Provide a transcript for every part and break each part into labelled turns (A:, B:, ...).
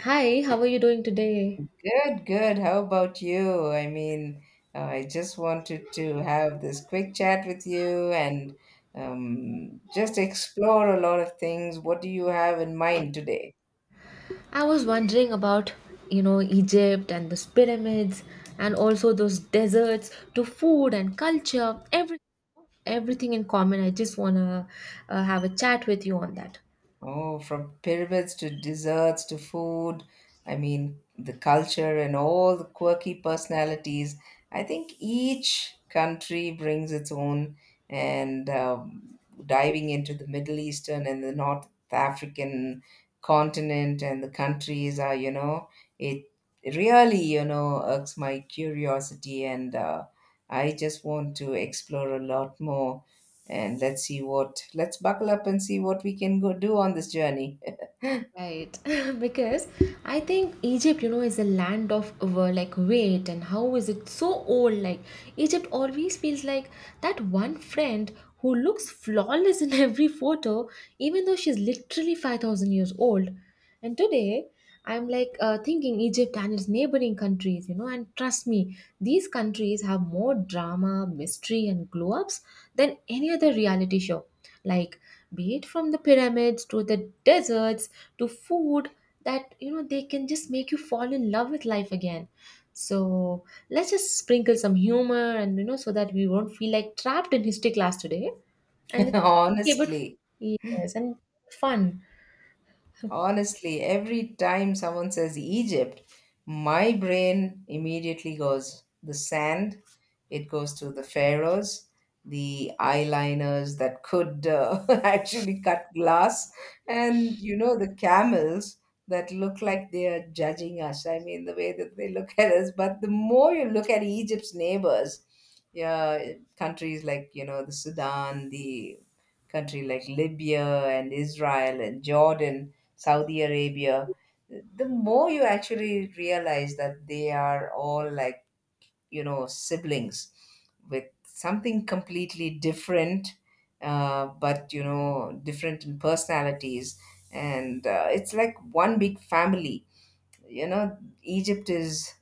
A: Hi, how are you doing today?
B: Good, good. How about you? I just wanted to have this quick chat with you. And Just explore a lot of things. What do you have in mind today?
A: I was wondering about, you know, Egypt and those pyramids and also those deserts to food and culture, everything in common. I just want to have a chat with you on that.
B: Oh, from pyramids to desserts to food. I mean, the culture and all the quirky personalities. I think each country brings its own. And Diving into the Middle Eastern and the North African continent and the countries are, you know, it really, irks my curiosity. And I just want to explore a lot more and let's buckle up and see what we can go do on this journey
A: Right, because I think Egypt, you know, is a land of like weight, and how is it so old? Like Egypt always feels like that one friend who looks flawless in every photo, even though she's literally 5,000 years old. And today, I'm like thinking Egypt and its neighboring countries, you know, and trust me, these countries have more drama, mystery, and glow ups than any other reality show. Like, be it from the pyramids to the deserts to food, that, you know, they can just make you fall in love with life again. So, let's just sprinkle some humor and, you know, so that we won't feel like trapped in history class today. And, okay, but
B: honestly.
A: yes, and fun.
B: Honestly, every time someone says Egypt, my brain immediately goes the sand, it goes to the pharaohs, the eyeliners that could actually cut glass, and you know, the camels that look like they are judging us. I mean, the way that they look at us. But the more you look at Egypt's neighbors, yeah, countries like, you know, the Sudan, the country like Libya and Israel and Jordan, Saudi Arabia, the more you actually realize that they are all like, you know, siblings with something completely different, but, you know, different in personalities. And It's like one big family. You know, Egypt is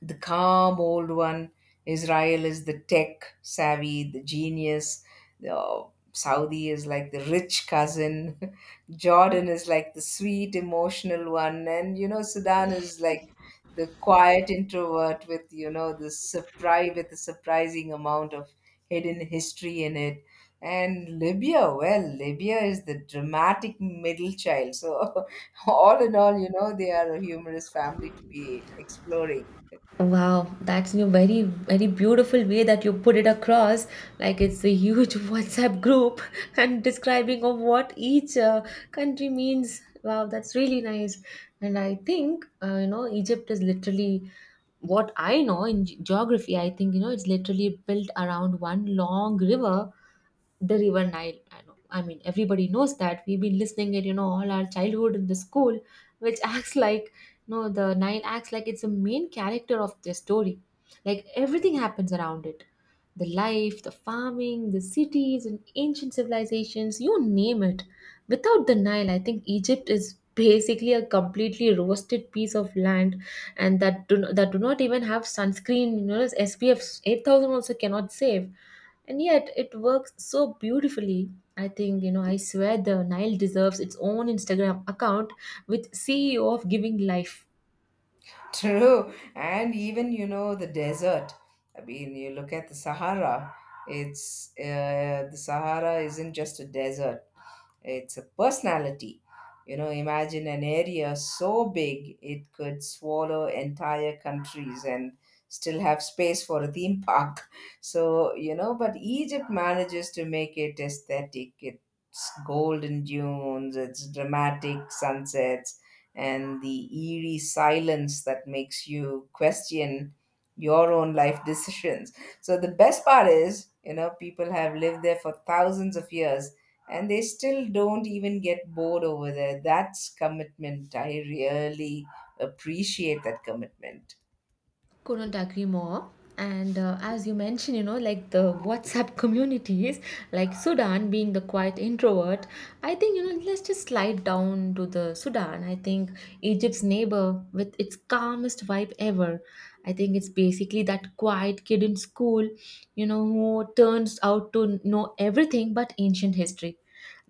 B: the calm old one, Israel is the tech savvy, the genius. The Saudi is like the rich cousin. Jordan is like the sweet, emotional one. And, you know, Sudan is like the quiet introvert with, you know, the surprise, with a surprising amount of hidden history in it. And Libya, well, Libya is the dramatic middle child. So, all in all, you know, they are a humorous family to be exploring.
A: Wow, that's a very, very beautiful way that you put it across. Like it's a huge WhatsApp group and describing of what each country means. Wow, that's really nice. And I think, you know, Egypt is literally what I know in geography. I think, you know, it's literally built around one long river, the River Nile. I know, I mean everybody knows that we've been listening it, you know, all our childhood in the school, which acts like, you know, the Nile acts like it's the main character of the story, like everything happens around it, the life, the farming, the cities and ancient civilizations, you name it. Without the Nile, I think Egypt is basically a completely roasted piece of land and that do not even have sunscreen, you know, as SPF 8,000 also cannot save, and yet it works so beautifully. I think, you know, I swear the Nile deserves its own Instagram account with CEO of giving life.
B: True. And even, you know, the desert. I mean, you look at the Sahara, it's the Sahara isn't just a desert, it's a personality. You know, imagine an area so big it could swallow entire countries and still have space for a theme park. So, you know, but Egypt manages to make it aesthetic. It's golden dunes, it's dramatic sunsets and the eerie silence that makes you question your own life decisions. So the best part is, you know, people have lived there for thousands of years and they still don't even get bored over there. That's commitment. I really appreciate that commitment.
A: Couldn't agree more. And as you mentioned, you know, like the WhatsApp communities, like Sudan being the quiet introvert, I think, you know, let's just slide down to the Sudan. I think Egypt's neighbor with its calmest vibe ever. I think it's basically that quiet kid in school, you know, who turns out to know everything but ancient history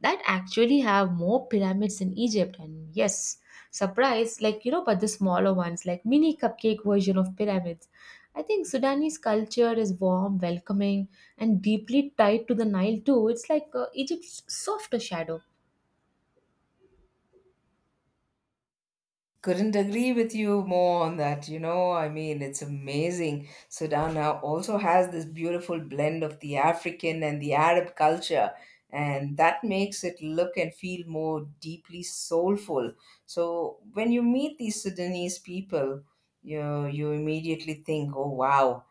A: that actually have more pyramids in Egypt. And yes, surprise, like, you know, but the smaller ones, like mini cupcake version of pyramids. I think Sudanese culture is warm, welcoming, and deeply tied to the Nile too. It's like Egypt's softer shadow.
B: Couldn't agree with you more on that. You know, I mean, it's amazing. Sudan now also has this beautiful blend of the African and the Arab culture, and that makes it look and feel more deeply soulful. So when you meet these Sudanese people, you immediately think, "Oh wow,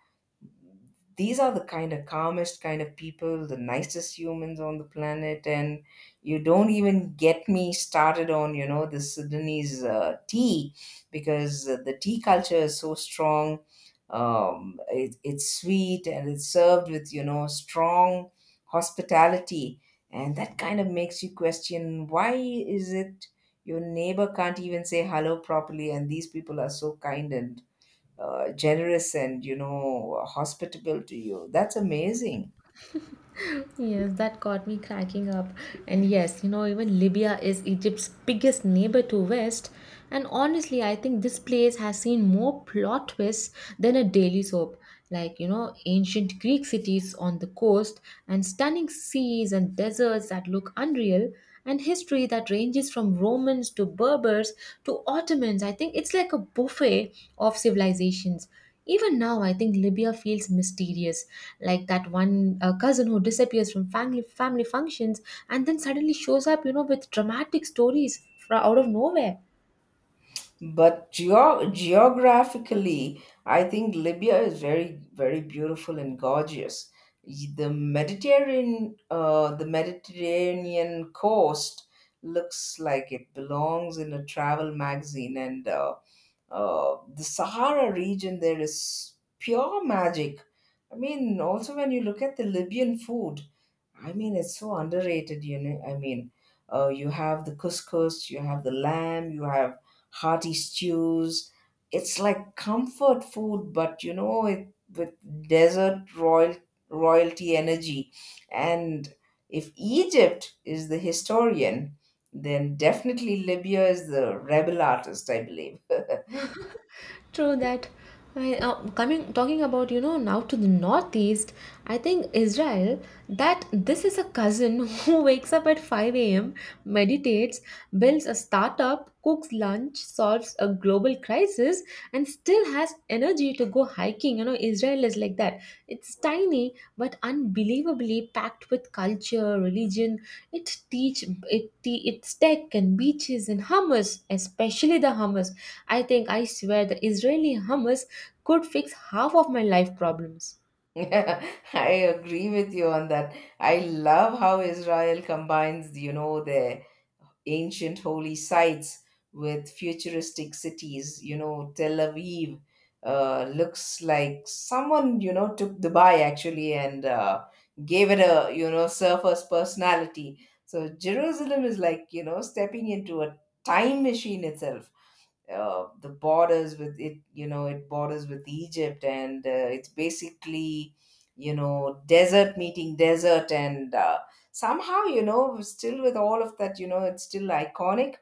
B: these are the kind of calmest kind of people, the nicest humans on the planet, and you don't even get me started on you know the Sudanese tea, because the tea culture is so strong. It's sweet and it's served with you know strong hospitality, and that kind of makes you question why is it your neighbor can't even say hello properly, and these people are so kind and generous and you know hospitable to you. That's amazing,
A: Yes, that got me cracking up. And yes, you know, even Libya is Egypt's biggest neighbor to West. And honestly, I think this place has seen more plot twists than a daily soap. Like, you know, ancient Greek cities on the coast, and stunning seas and deserts that look unreal, and history that ranges from Romans to Berbers to Ottomans. I think it's like a buffet of civilizations. Even now, I think Libya feels mysterious, like that one cousin who disappears from family functions and then suddenly shows up, you know, with dramatic stories from out of nowhere.
B: but geographically I think Libya is very very beautiful and gorgeous. The mediterranean coast looks like it belongs in a travel magazine, and the Sahara region there is pure magic. I mean also when you look at the Libyan food, I mean, it's so underrated, you know. I mean, you have the couscous, you have the lamb, you have hearty stews. It's like comfort food, but you know, it with desert royalty energy. And if Egypt is the historian, then definitely Libya is the rebel artist, I believe.
A: True that. Coming talking about, you know, now to the northeast, I think Israel that this is a cousin who wakes up at 5 a.m., meditates, builds a startup, cooks lunch, solves a global crisis, and still has energy to go hiking. You know, Israel is like that. It's tiny but unbelievably packed with culture, religion. It teach it te- it's tech and beaches and hummus, especially the hummus. I think, I swear the Israeli hummus could fix half of my life problems.
B: I agree with you on that. I love how Israel combines, you know, their ancient holy sites with futuristic cities. You know, Tel Aviv looks like someone, you know, took Dubai actually, and gave it a, you know, surface personality. So Jerusalem is like, you know, stepping into a time machine itself. The borders with it, you know it borders with Egypt, and it's basically you know desert meeting desert, and somehow you know still with all of that you know it's still iconic.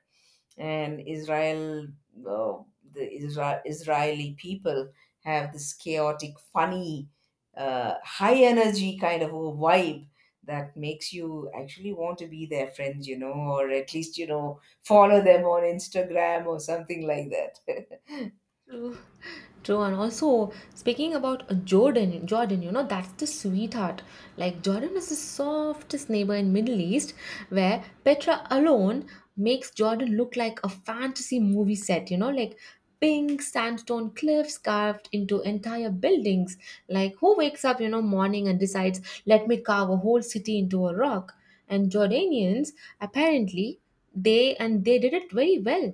B: And Israel, uh, Israeli people have this chaotic funny high energy kind of a vibe that makes you actually want to be their friends, you know, or at least you know follow them on Instagram or something like that.
A: True, true, and also speaking about Jordan. Jordan, you know, that's the sweetheart. Like Jordan is the softest neighbor in Middle East, where Petra alone makes Jordan look like a fantasy movie set. You know, like pink sandstone cliffs carved into entire buildings. Like who wakes up, you know, morning and decides, let me carve a whole city into a rock? And Jordanians apparently, they did it very well.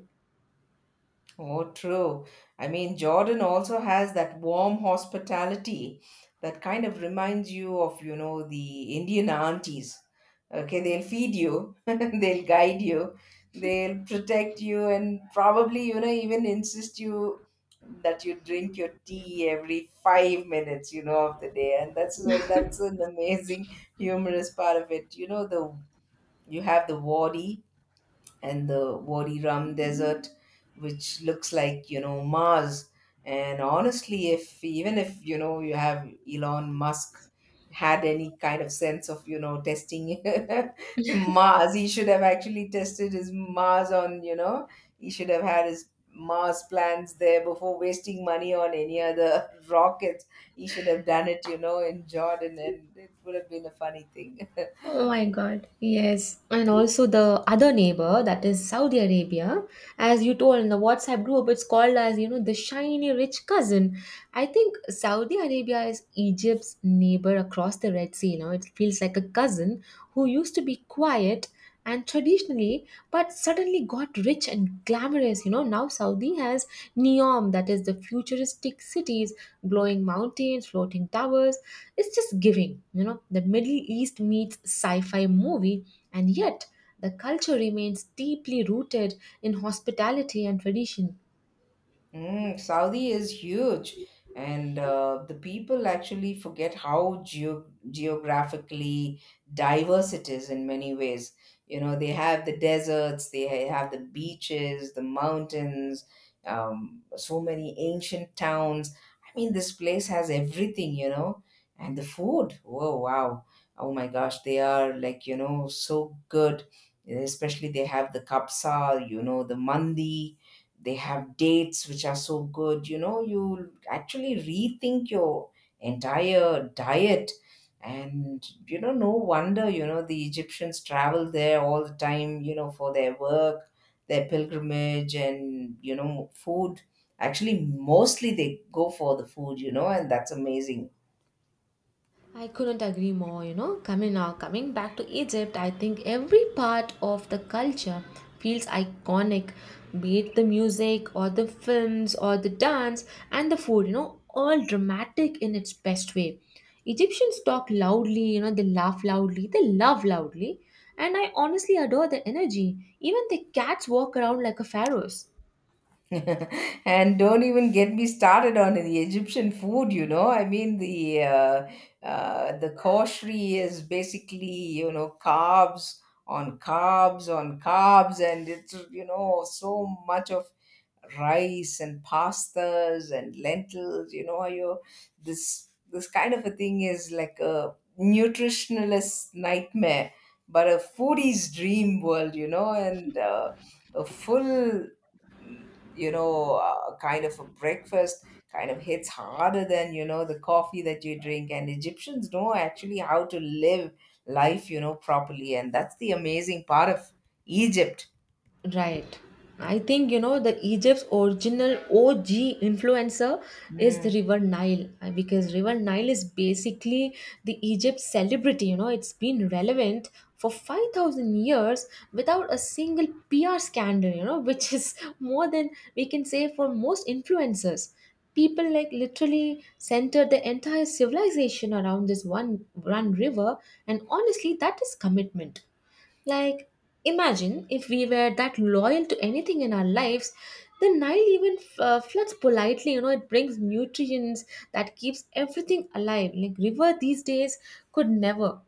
B: Oh, true. I mean, Jordan also has that warm hospitality that kind of reminds you of, you know, the Indian aunties. Okay, they'll feed you, they'll guide you, they'll protect you, and probably, you know, even insist you that you drink your tea every 5 minutes you know of the day, and that's an amazing humorous part of it. You know, the you have the wadi and the Wadi Rum Desert, which looks like you know Mars. And honestly, if even if you know you have Elon Musk had any kind of sense of you know testing Mars, he should have actually tested his Mars on, you know, he should have had his Mars plans there before wasting money on any other rockets. He should have done it, you know, in Jordan, and it would have been a funny thing.
A: Oh my God, yes. And also the other neighbor, that is Saudi Arabia, as you told in the WhatsApp group, it's called as, you know, the shiny rich cousin. I think Saudi Arabia is Egypt's neighbor across the Red Sea. You know, it feels like a cousin who used to be quiet and traditionally, but suddenly got rich and glamorous. You know, now Saudi has Neom, that is the futuristic cities, glowing mountains, floating towers. It's just giving, you know, the Middle East meets sci-fi movie, and yet the culture remains deeply rooted in hospitality and tradition.
B: Mm, Saudi is huge, and the people actually forget how geographically diverse it is in many ways. You know, they have the deserts, they have the beaches, the mountains, so many ancient towns. I mean, this place has everything, you know, and the food. Whoa, wow. Oh my gosh, they are like, you know, so good. Especially they have the kapsa, you know, the mandi, they have dates which are so good, you know you actually rethink your entire diet. And you know no wonder you know the Egyptians travel there all the time you know for their work, their pilgrimage, and you know food. Actually mostly they go for the food, you know, and that's amazing.
A: I couldn't agree more, you know. Coming back to Egypt, I think every part of the culture feels iconic, be it the music or the films or the dance and the food, you know, all dramatic in its best way. Egyptians talk loudly, you know, they laugh loudly, they love loudly, and I honestly adore their energy. Even the cats walk around like a pharaohs.
B: And don't even get me started on the Egyptian food. You know, I mean the koshri is basically you know carbs on carbs on carbs, and it's you know so much of rice and pastas and lentils. You know, you this kind of a thing is like a nutritionalist nightmare, but a foodie's dream world. You know, and a full mm, you know kind of a breakfast kind of hits harder than you know the coffee that you drink. And Egyptians know actually how to live life, you know, properly, and that's the amazing part of Egypt.
A: Right. I think you know the Egypt's original OG influencer is the
B: Mm.
A: River Nile because River Nile is basically the Egypt celebrity. You know, it's been relevant for 5,000 years without a single PR scandal, you know, which is more than we can say for most influencers. People like literally center the entire civilization around this one river, and honestly, that is commitment. Like, imagine if we were that loyal to anything in our lives. The Nile even floods politely. You know, it brings nutrients that keeps everything alive. Like river these days could never.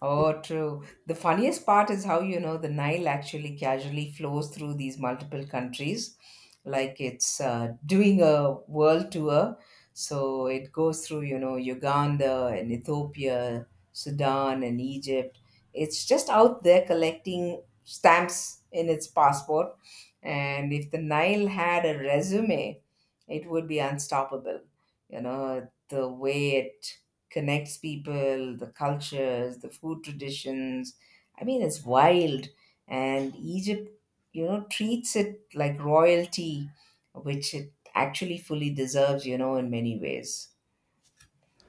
B: Oh, true. The funniest part is how, you know, the Nile actually casually flows through these multiple countries, like it's doing a world tour. So it goes through, you know, Uganda and Ethiopia, Sudan and Egypt. It's just out there collecting stamps in its passport. And if the Nile had a resume, it would be unstoppable. You know, the way it connects people, the cultures, the food traditions. I mean, it's wild. And Egypt, you know, treats it like royalty, which it actually fully deserves, you know, in many ways.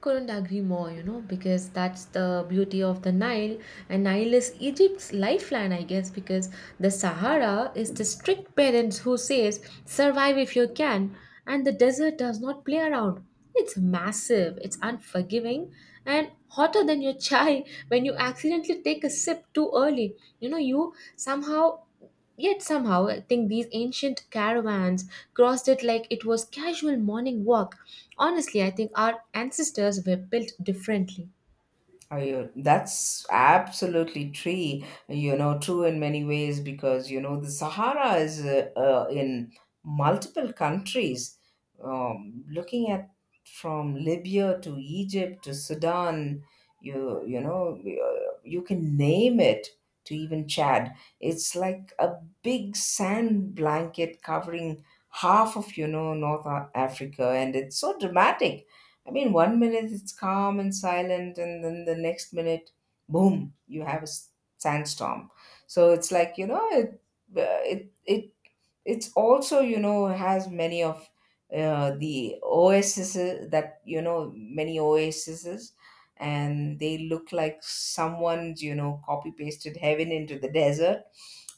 A: Couldn't agree more, you know, because that's the beauty of the Nile. And Nile is Egypt's lifeline, I guess, because the Sahara is the strict parents who says, survive if you can. And the desert does not play around. It's massive, it's unforgiving, and hotter than your chai when you accidentally take a sip too early. You know, you somehow Yet somehow, I think these ancient caravans crossed it like it was casual morning walk. Honestly, I think our ancestors were built differently.
B: Oh, that's absolutely true. You know, true in many ways, because you know the Sahara is in multiple countries. Looking at from Libya to Egypt to Sudan, you know you can name it to even Chad. It's like a big sand blanket covering half of you know North Africa, and it's so dramatic. I mean, one minute it's calm and silent, and then the next minute, boom, you have a sandstorm. So it's like you know, it it's also you know has many of the oases. That you know many oases, and they look like someone's you know copy pasted heaven into the desert.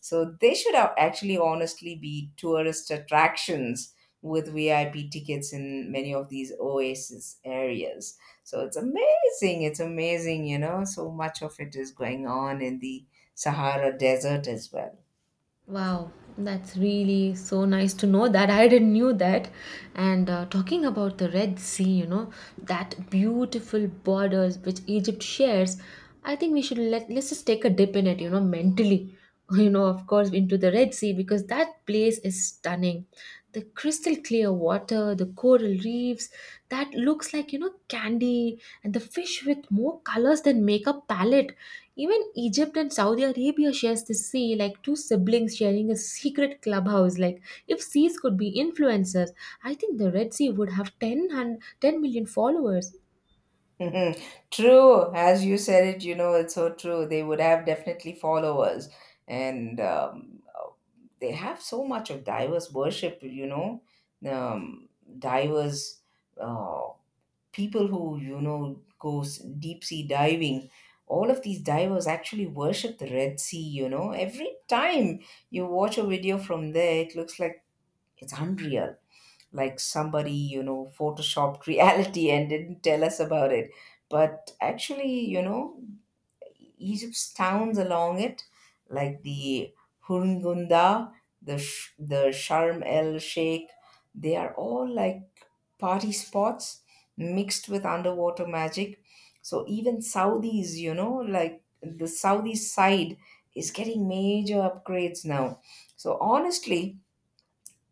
B: So they should have actually honestly be tourist attractions with VIP tickets in many of these oasis areas. So it's amazing. It's amazing, you know. So much of it is going on in the Sahara Desert as well.
A: Wow, that's really so nice to know that. I didn't knew that. And talking about the Red Sea, you know, that beautiful borders which Egypt shares, I think we should let's just take a dip in it, you know, mentally. You know, of course, into the Red Sea because that place is stunning. The crystal clear water, the coral reefs, that looks like, you know, candy, and the fish with more colors than makeup palette. Even Egypt and Saudi Arabia shares the sea, like two siblings sharing a secret clubhouse. Like, if seas could be influencers, I think the Red Sea would have 10 million followers.
B: True. As you said it, you know, it's so true. They would have definitely followers. And They have so much of diverse worship, you know, um, diverse. Uh, people who you know go deep sea diving. All of these divers actually worship the Red Sea. You know, every time you watch a video from there it looks like it's unreal, like somebody you know photoshopped reality and didn't tell us about it. But actually you know Egypt's towns along it, like the Hurghada, the Sharm El Sheikh, they are all like party spots mixed with underwater magic. So even Saudis, you know, like the Saudi side is getting major upgrades now. So honestly,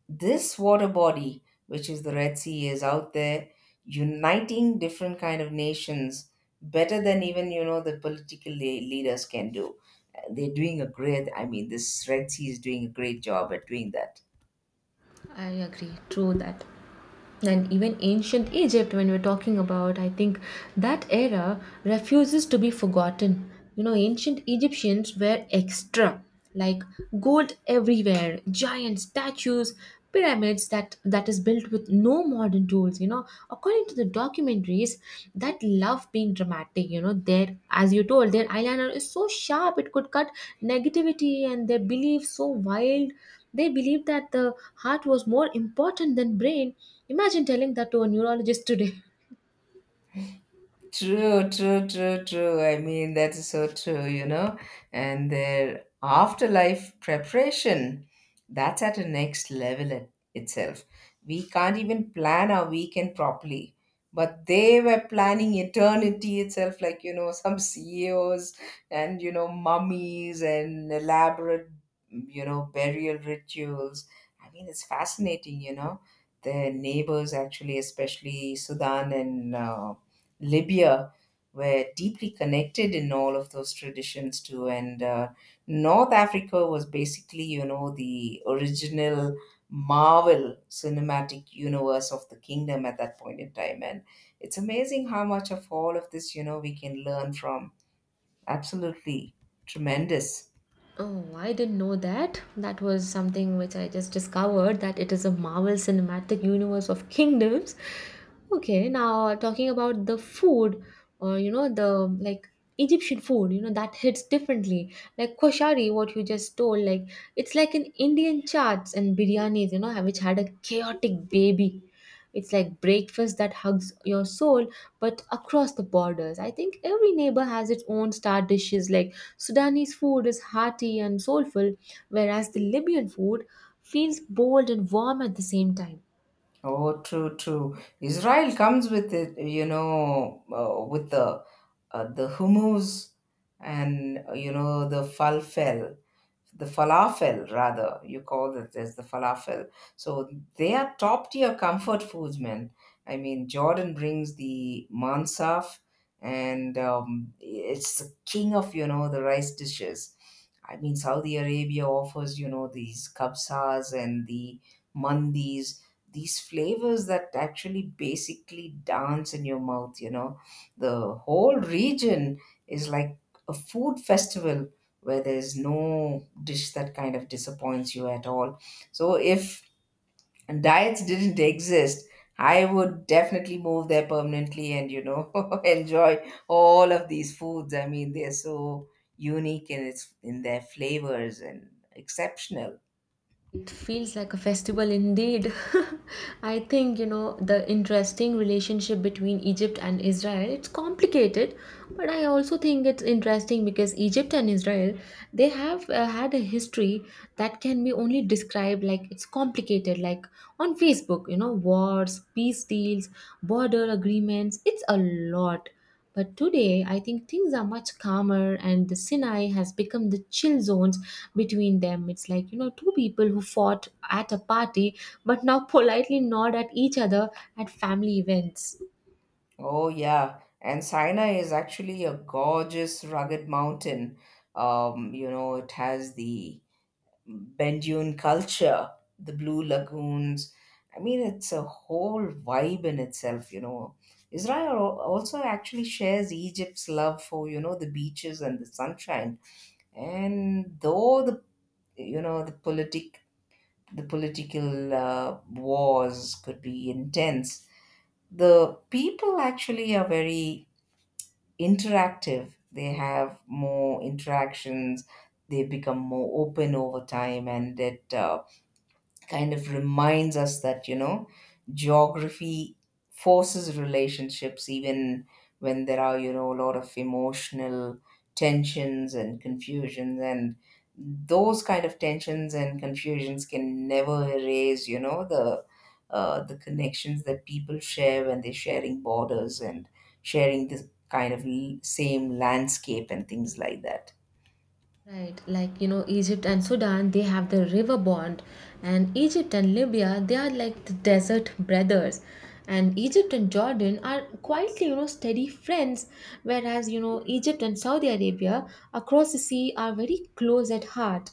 B: this water body, which is the Red Sea, is out there uniting different kind of nations better than even the leaders can do. They're doing a great. I mean, this Red Sea is doing a great job at doing that.
A: I agree, true that. And even ancient Egypt, when we're talking about, I think that era refuses to be forgotten. You know, ancient Egyptians were extra, like gold everywhere, giant statues, pyramids that is built with no modern tools. You know, according to the documentaries, that love being dramatic. You know, their, as you told, their eyeliner is so sharp it could cut negativity, and their beliefs so wild. They believed that the heart was more important than brain. Imagine telling that to a neurologist today.
B: True. I mean, that is so true, you know. And their afterlife preparation, that's at a next level itself. We can't even plan our weekend properly. But they were planning eternity itself, like, you know, some CEOs and, you know, mummies and elaborate, you know, burial rituals. I mean, it's fascinating, you know. Their neighbors, actually, especially Sudan and Libya were deeply connected in all of those traditions too. And North Africa was basically, you know, the original Marvel cinematic universe of the kingdom at that point in time. And it's amazing how much of all of this, you know, we can learn from. Absolutely tremendous.
A: Oh, I didn't know that. That was something which I just discovered that it is a Marvel Cinematic Universe of Kingdoms. Okay, now talking about the food or you know the like Egyptian food, you know that hits differently. Like koshari, what you just told, like it's like an Indian chats and biryanis, you know, which had a chaotic baby. It's like breakfast that hugs your soul, but across the borders. I think every neighbor has its own star dishes like Sudanese food is hearty and soulful, whereas the Libyan food feels bold and warm at the same time.
B: Oh, true. Israel comes with it, you know, with the hummus and you know the falafel, the falafel, rather, you call it as the falafel. So they are top tier comfort foods, man. I mean, Jordan brings the mansaf, and it's the king of, you know, the rice dishes. I mean, Saudi Arabia offers, you know, these kabsas and the mandis. These flavors that actually basically dance in your mouth, you know, the whole region is like a food festival where there's no dish that kind of disappoints you at all. So if diets didn't exist, I would definitely move there permanently and you know enjoy all of these foods. I mean, they're so unique in its in their flavors and exceptional.
A: It feels like a festival indeed. I think, you know, the interesting relationship between Egypt and Israel, it's complicated, but I also think it's interesting because Egypt and Israel, they have had a history that can be only described like it's complicated, like on Facebook, you know, wars, peace deals, border agreements, it's a lot. But today, I think things are much calmer, and the Sinai has become the chill zones between them. It's like, you know, two people who fought at a party but now politely nod at each other at family events.
B: Oh yeah, and Sinai is actually a gorgeous rugged mountain. You know, it has the Ben culture, the Blue Lagoons. I mean, it's a whole vibe in itself, you know. Israel also actually shares Egypt's love for, you know, the beaches and the sunshine. And though the, you know, the politic, the political wars could be intense, the people actually are very interactive. They have more interactions. They become more open over time, and it kind of reminds us that, you know, geography forces relationships even when there are, you know, a lot of emotional tensions and confusions, and those kind of tensions and confusions can never erase, you know, the connections that people share when they're sharing borders and sharing this kind of same landscape and things like that.
A: Right, like you know, Egypt and Sudan, they have the river bond, and Egypt and Libya, they are like the desert brothers. And Egypt and Jordan are quietly, you know, steady friends, whereas, you know, Egypt and Saudi Arabia across the sea are very close at heart.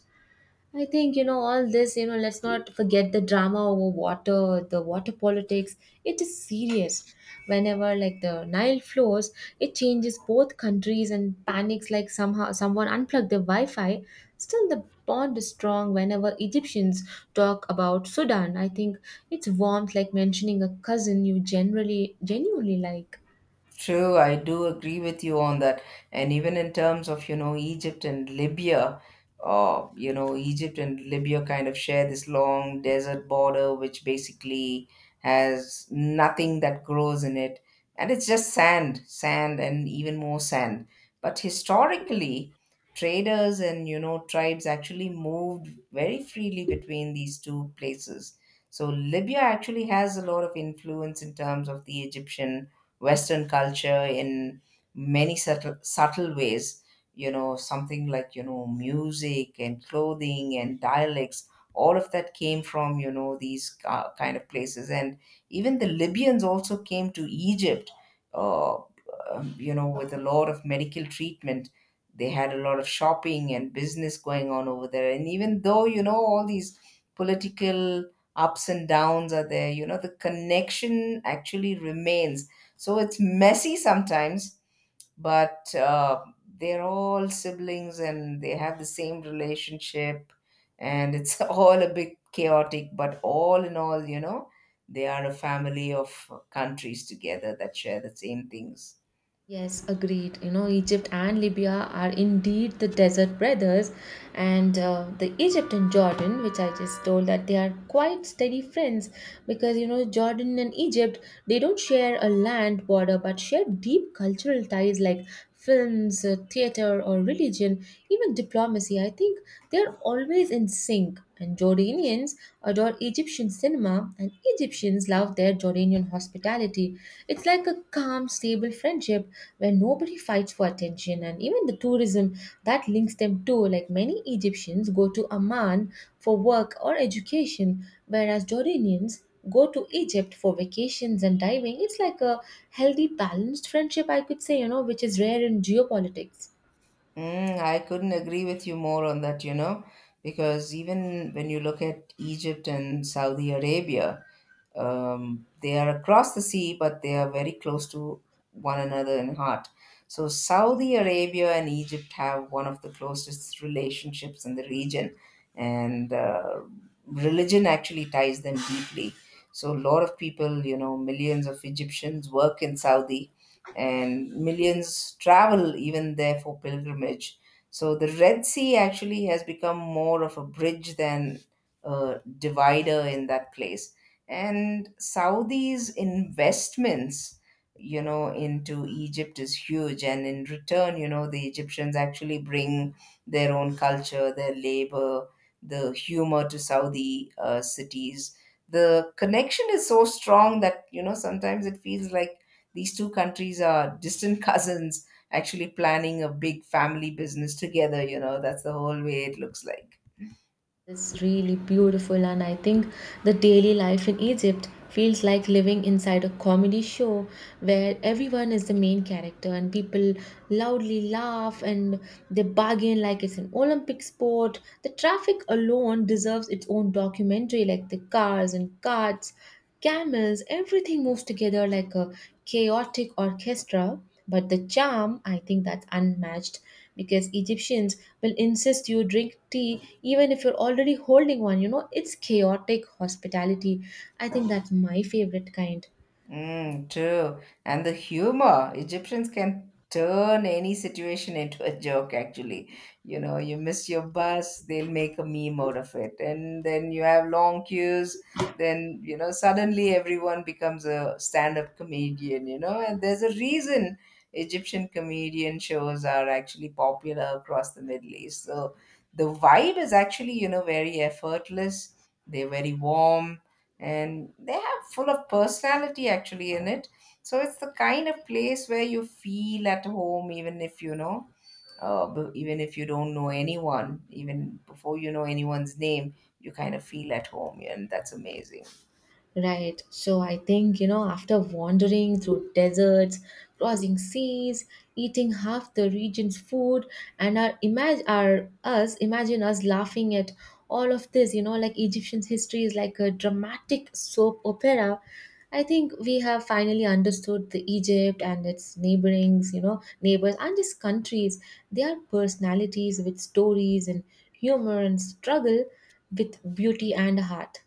A: I think, you know, all this, you know, let's not forget the drama over water, the water politics. It is serious. Whenever like the Nile flows, it changes both countries and panics like somehow someone unplugged their Wi-Fi. Still the bond is strong whenever Egyptians talk about Sudan. I think it's warmth like mentioning a cousin you generally genuinely like.
B: True, I do agree with you on that. And even in terms of, you know, Egypt and Libya, you know, Egypt and Libya kind of share this long desert border, which basically has nothing that grows in it. And it's just sand, sand, and even more sand. But historically, traders and, you know, tribes actually moved very freely between these two places. So Libya actually has a lot of influence in terms of the Egyptian Western culture in many subtle ways. You know, something like, you know, music and clothing and dialects, all of that came from, you know, these kind of places. And even the Libyans also came to Egypt, you know, with a lot of medical treatment. They had a lot of shopping and business going on over there. And even though, you know, all these political ups and downs are there, you know, the connection actually remains. So it's messy sometimes, but they're all siblings and they have the same relationship, and it's all a bit chaotic, but all in all, you know, they are a family of countries together that share the same things.
A: Yes, agreed. You know, Egypt and Libya are indeed the desert brothers, and the Egypt and Jordan, which I just told that they are quite steady friends, because you know Jordan and Egypt they don't share a land border but share deep cultural ties like films, theater, or religion, even diplomacy. I think they're always in sync, and Jordanians adore Egyptian cinema, and Egyptians love their Jordanian hospitality. It's like a calm, stable friendship where nobody fights for attention, and even the tourism that links them too, like many Egyptians go to Amman for work or education, whereas Jordanians go to Egypt for vacations and diving. It's like a healthy balanced friendship, I could say, you know, which is rare in geopolitics.
B: Mm, I couldn't agree with you more on that, you know, because even when you look at Egypt and Saudi Arabia, they are across the sea, but they are very close to one another in heart. So Saudi Arabia and Egypt have one of the closest relationships in the region, and religion actually ties them deeply. So a lot of people, you know, millions of Egyptians work in Saudi, and millions travel even there for pilgrimage. So the Red Sea actually has become more of a bridge than a divider in that place, and Saudi's investments, you know, into Egypt is huge. And in return, you know, the Egyptians actually bring their own culture, their labor, the humor to Saudi cities. The connection is so strong that, you know, sometimes it feels like these two countries are distant cousins actually planning a big family business together. You know, that's the whole way it looks like.
A: It's really beautiful, and I think the daily life in Egypt feels like living inside a comedy show where everyone is the main character and people loudly laugh and they bargain like it's an Olympic sport. The traffic alone deserves its own documentary, like the cars and carts. Camels, everything moves together like a chaotic orchestra. But the charm, I think that's unmatched because Egyptians will insist you drink tea even if you're already holding one. You know, it's chaotic hospitality. I think that's my favorite kind.
B: Mm, true. And the humor, Egyptians can turn any situation into a joke, actually. You know, you miss your bus, they'll make a meme out of it. And then you have long queues, then, you know, suddenly everyone becomes a stand-up comedian, you know, and there's a reason Egyptian comedian shows are actually popular across the Middle East. So the vibe is actually, you know, very effortless. They're very warm and they full of personality actually in it. So it's the kind of place where you feel at home, even if you know, even if you don't know anyone, even before you know anyone's name, you kind of feel at home, yeah, and that's amazing.
A: Right. So I think, you know, after wandering through deserts, crossing seas, eating half the region's food, and our imagine our us imagine us laughing at all of this, you know, like Egyptian history is like a dramatic soap opera. I think we have finally understood the Egypt and its neighbors and its countries, their personalities with stories and humor and struggle with beauty and heart.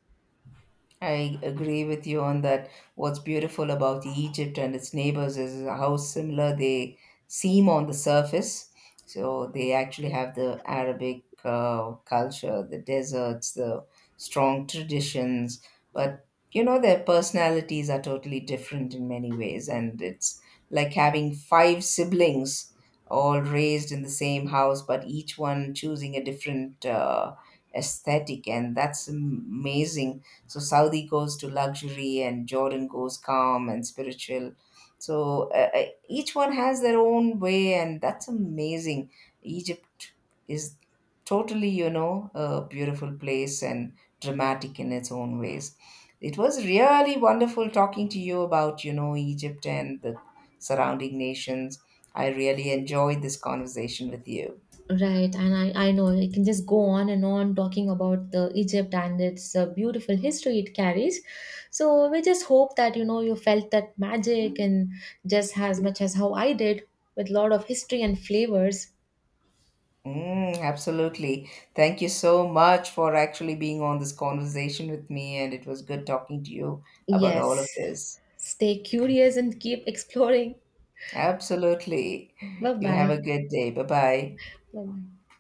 B: I agree with you on that. What's beautiful about Egypt and its neighbors is how similar they seem on the surface. So they actually have the Arabic culture, the deserts, the strong traditions, but you know their personalities are totally different in many ways, and it's like having five siblings all raised in the same house, but each one choosing a different aesthetic, and that's amazing. So Saudi goes to luxury, and Jordan goes calm and spiritual. So each one has their own way, and that's amazing. Egypt is totally, you know, a beautiful place and dramatic in its own ways. It was really wonderful talking to you about, you know, Egypt and the surrounding nations. I really enjoyed this conversation with you.
A: Right, and I know I can just go on and on talking about the Egypt and its beautiful history it carries. So we just hope that you know you felt that magic and just as much as how I did with lot of history and flavors.
B: Mm, absolutely. Thank you so much for actually being on this conversation with me, and it was good talking to you about all of
A: Yes,
B: this.
A: stay curious and keep exploring.
B: Absolutely.
A: Bye
B: You have a
A: bye.
B: good day. Bye bye.
A: Bye bye.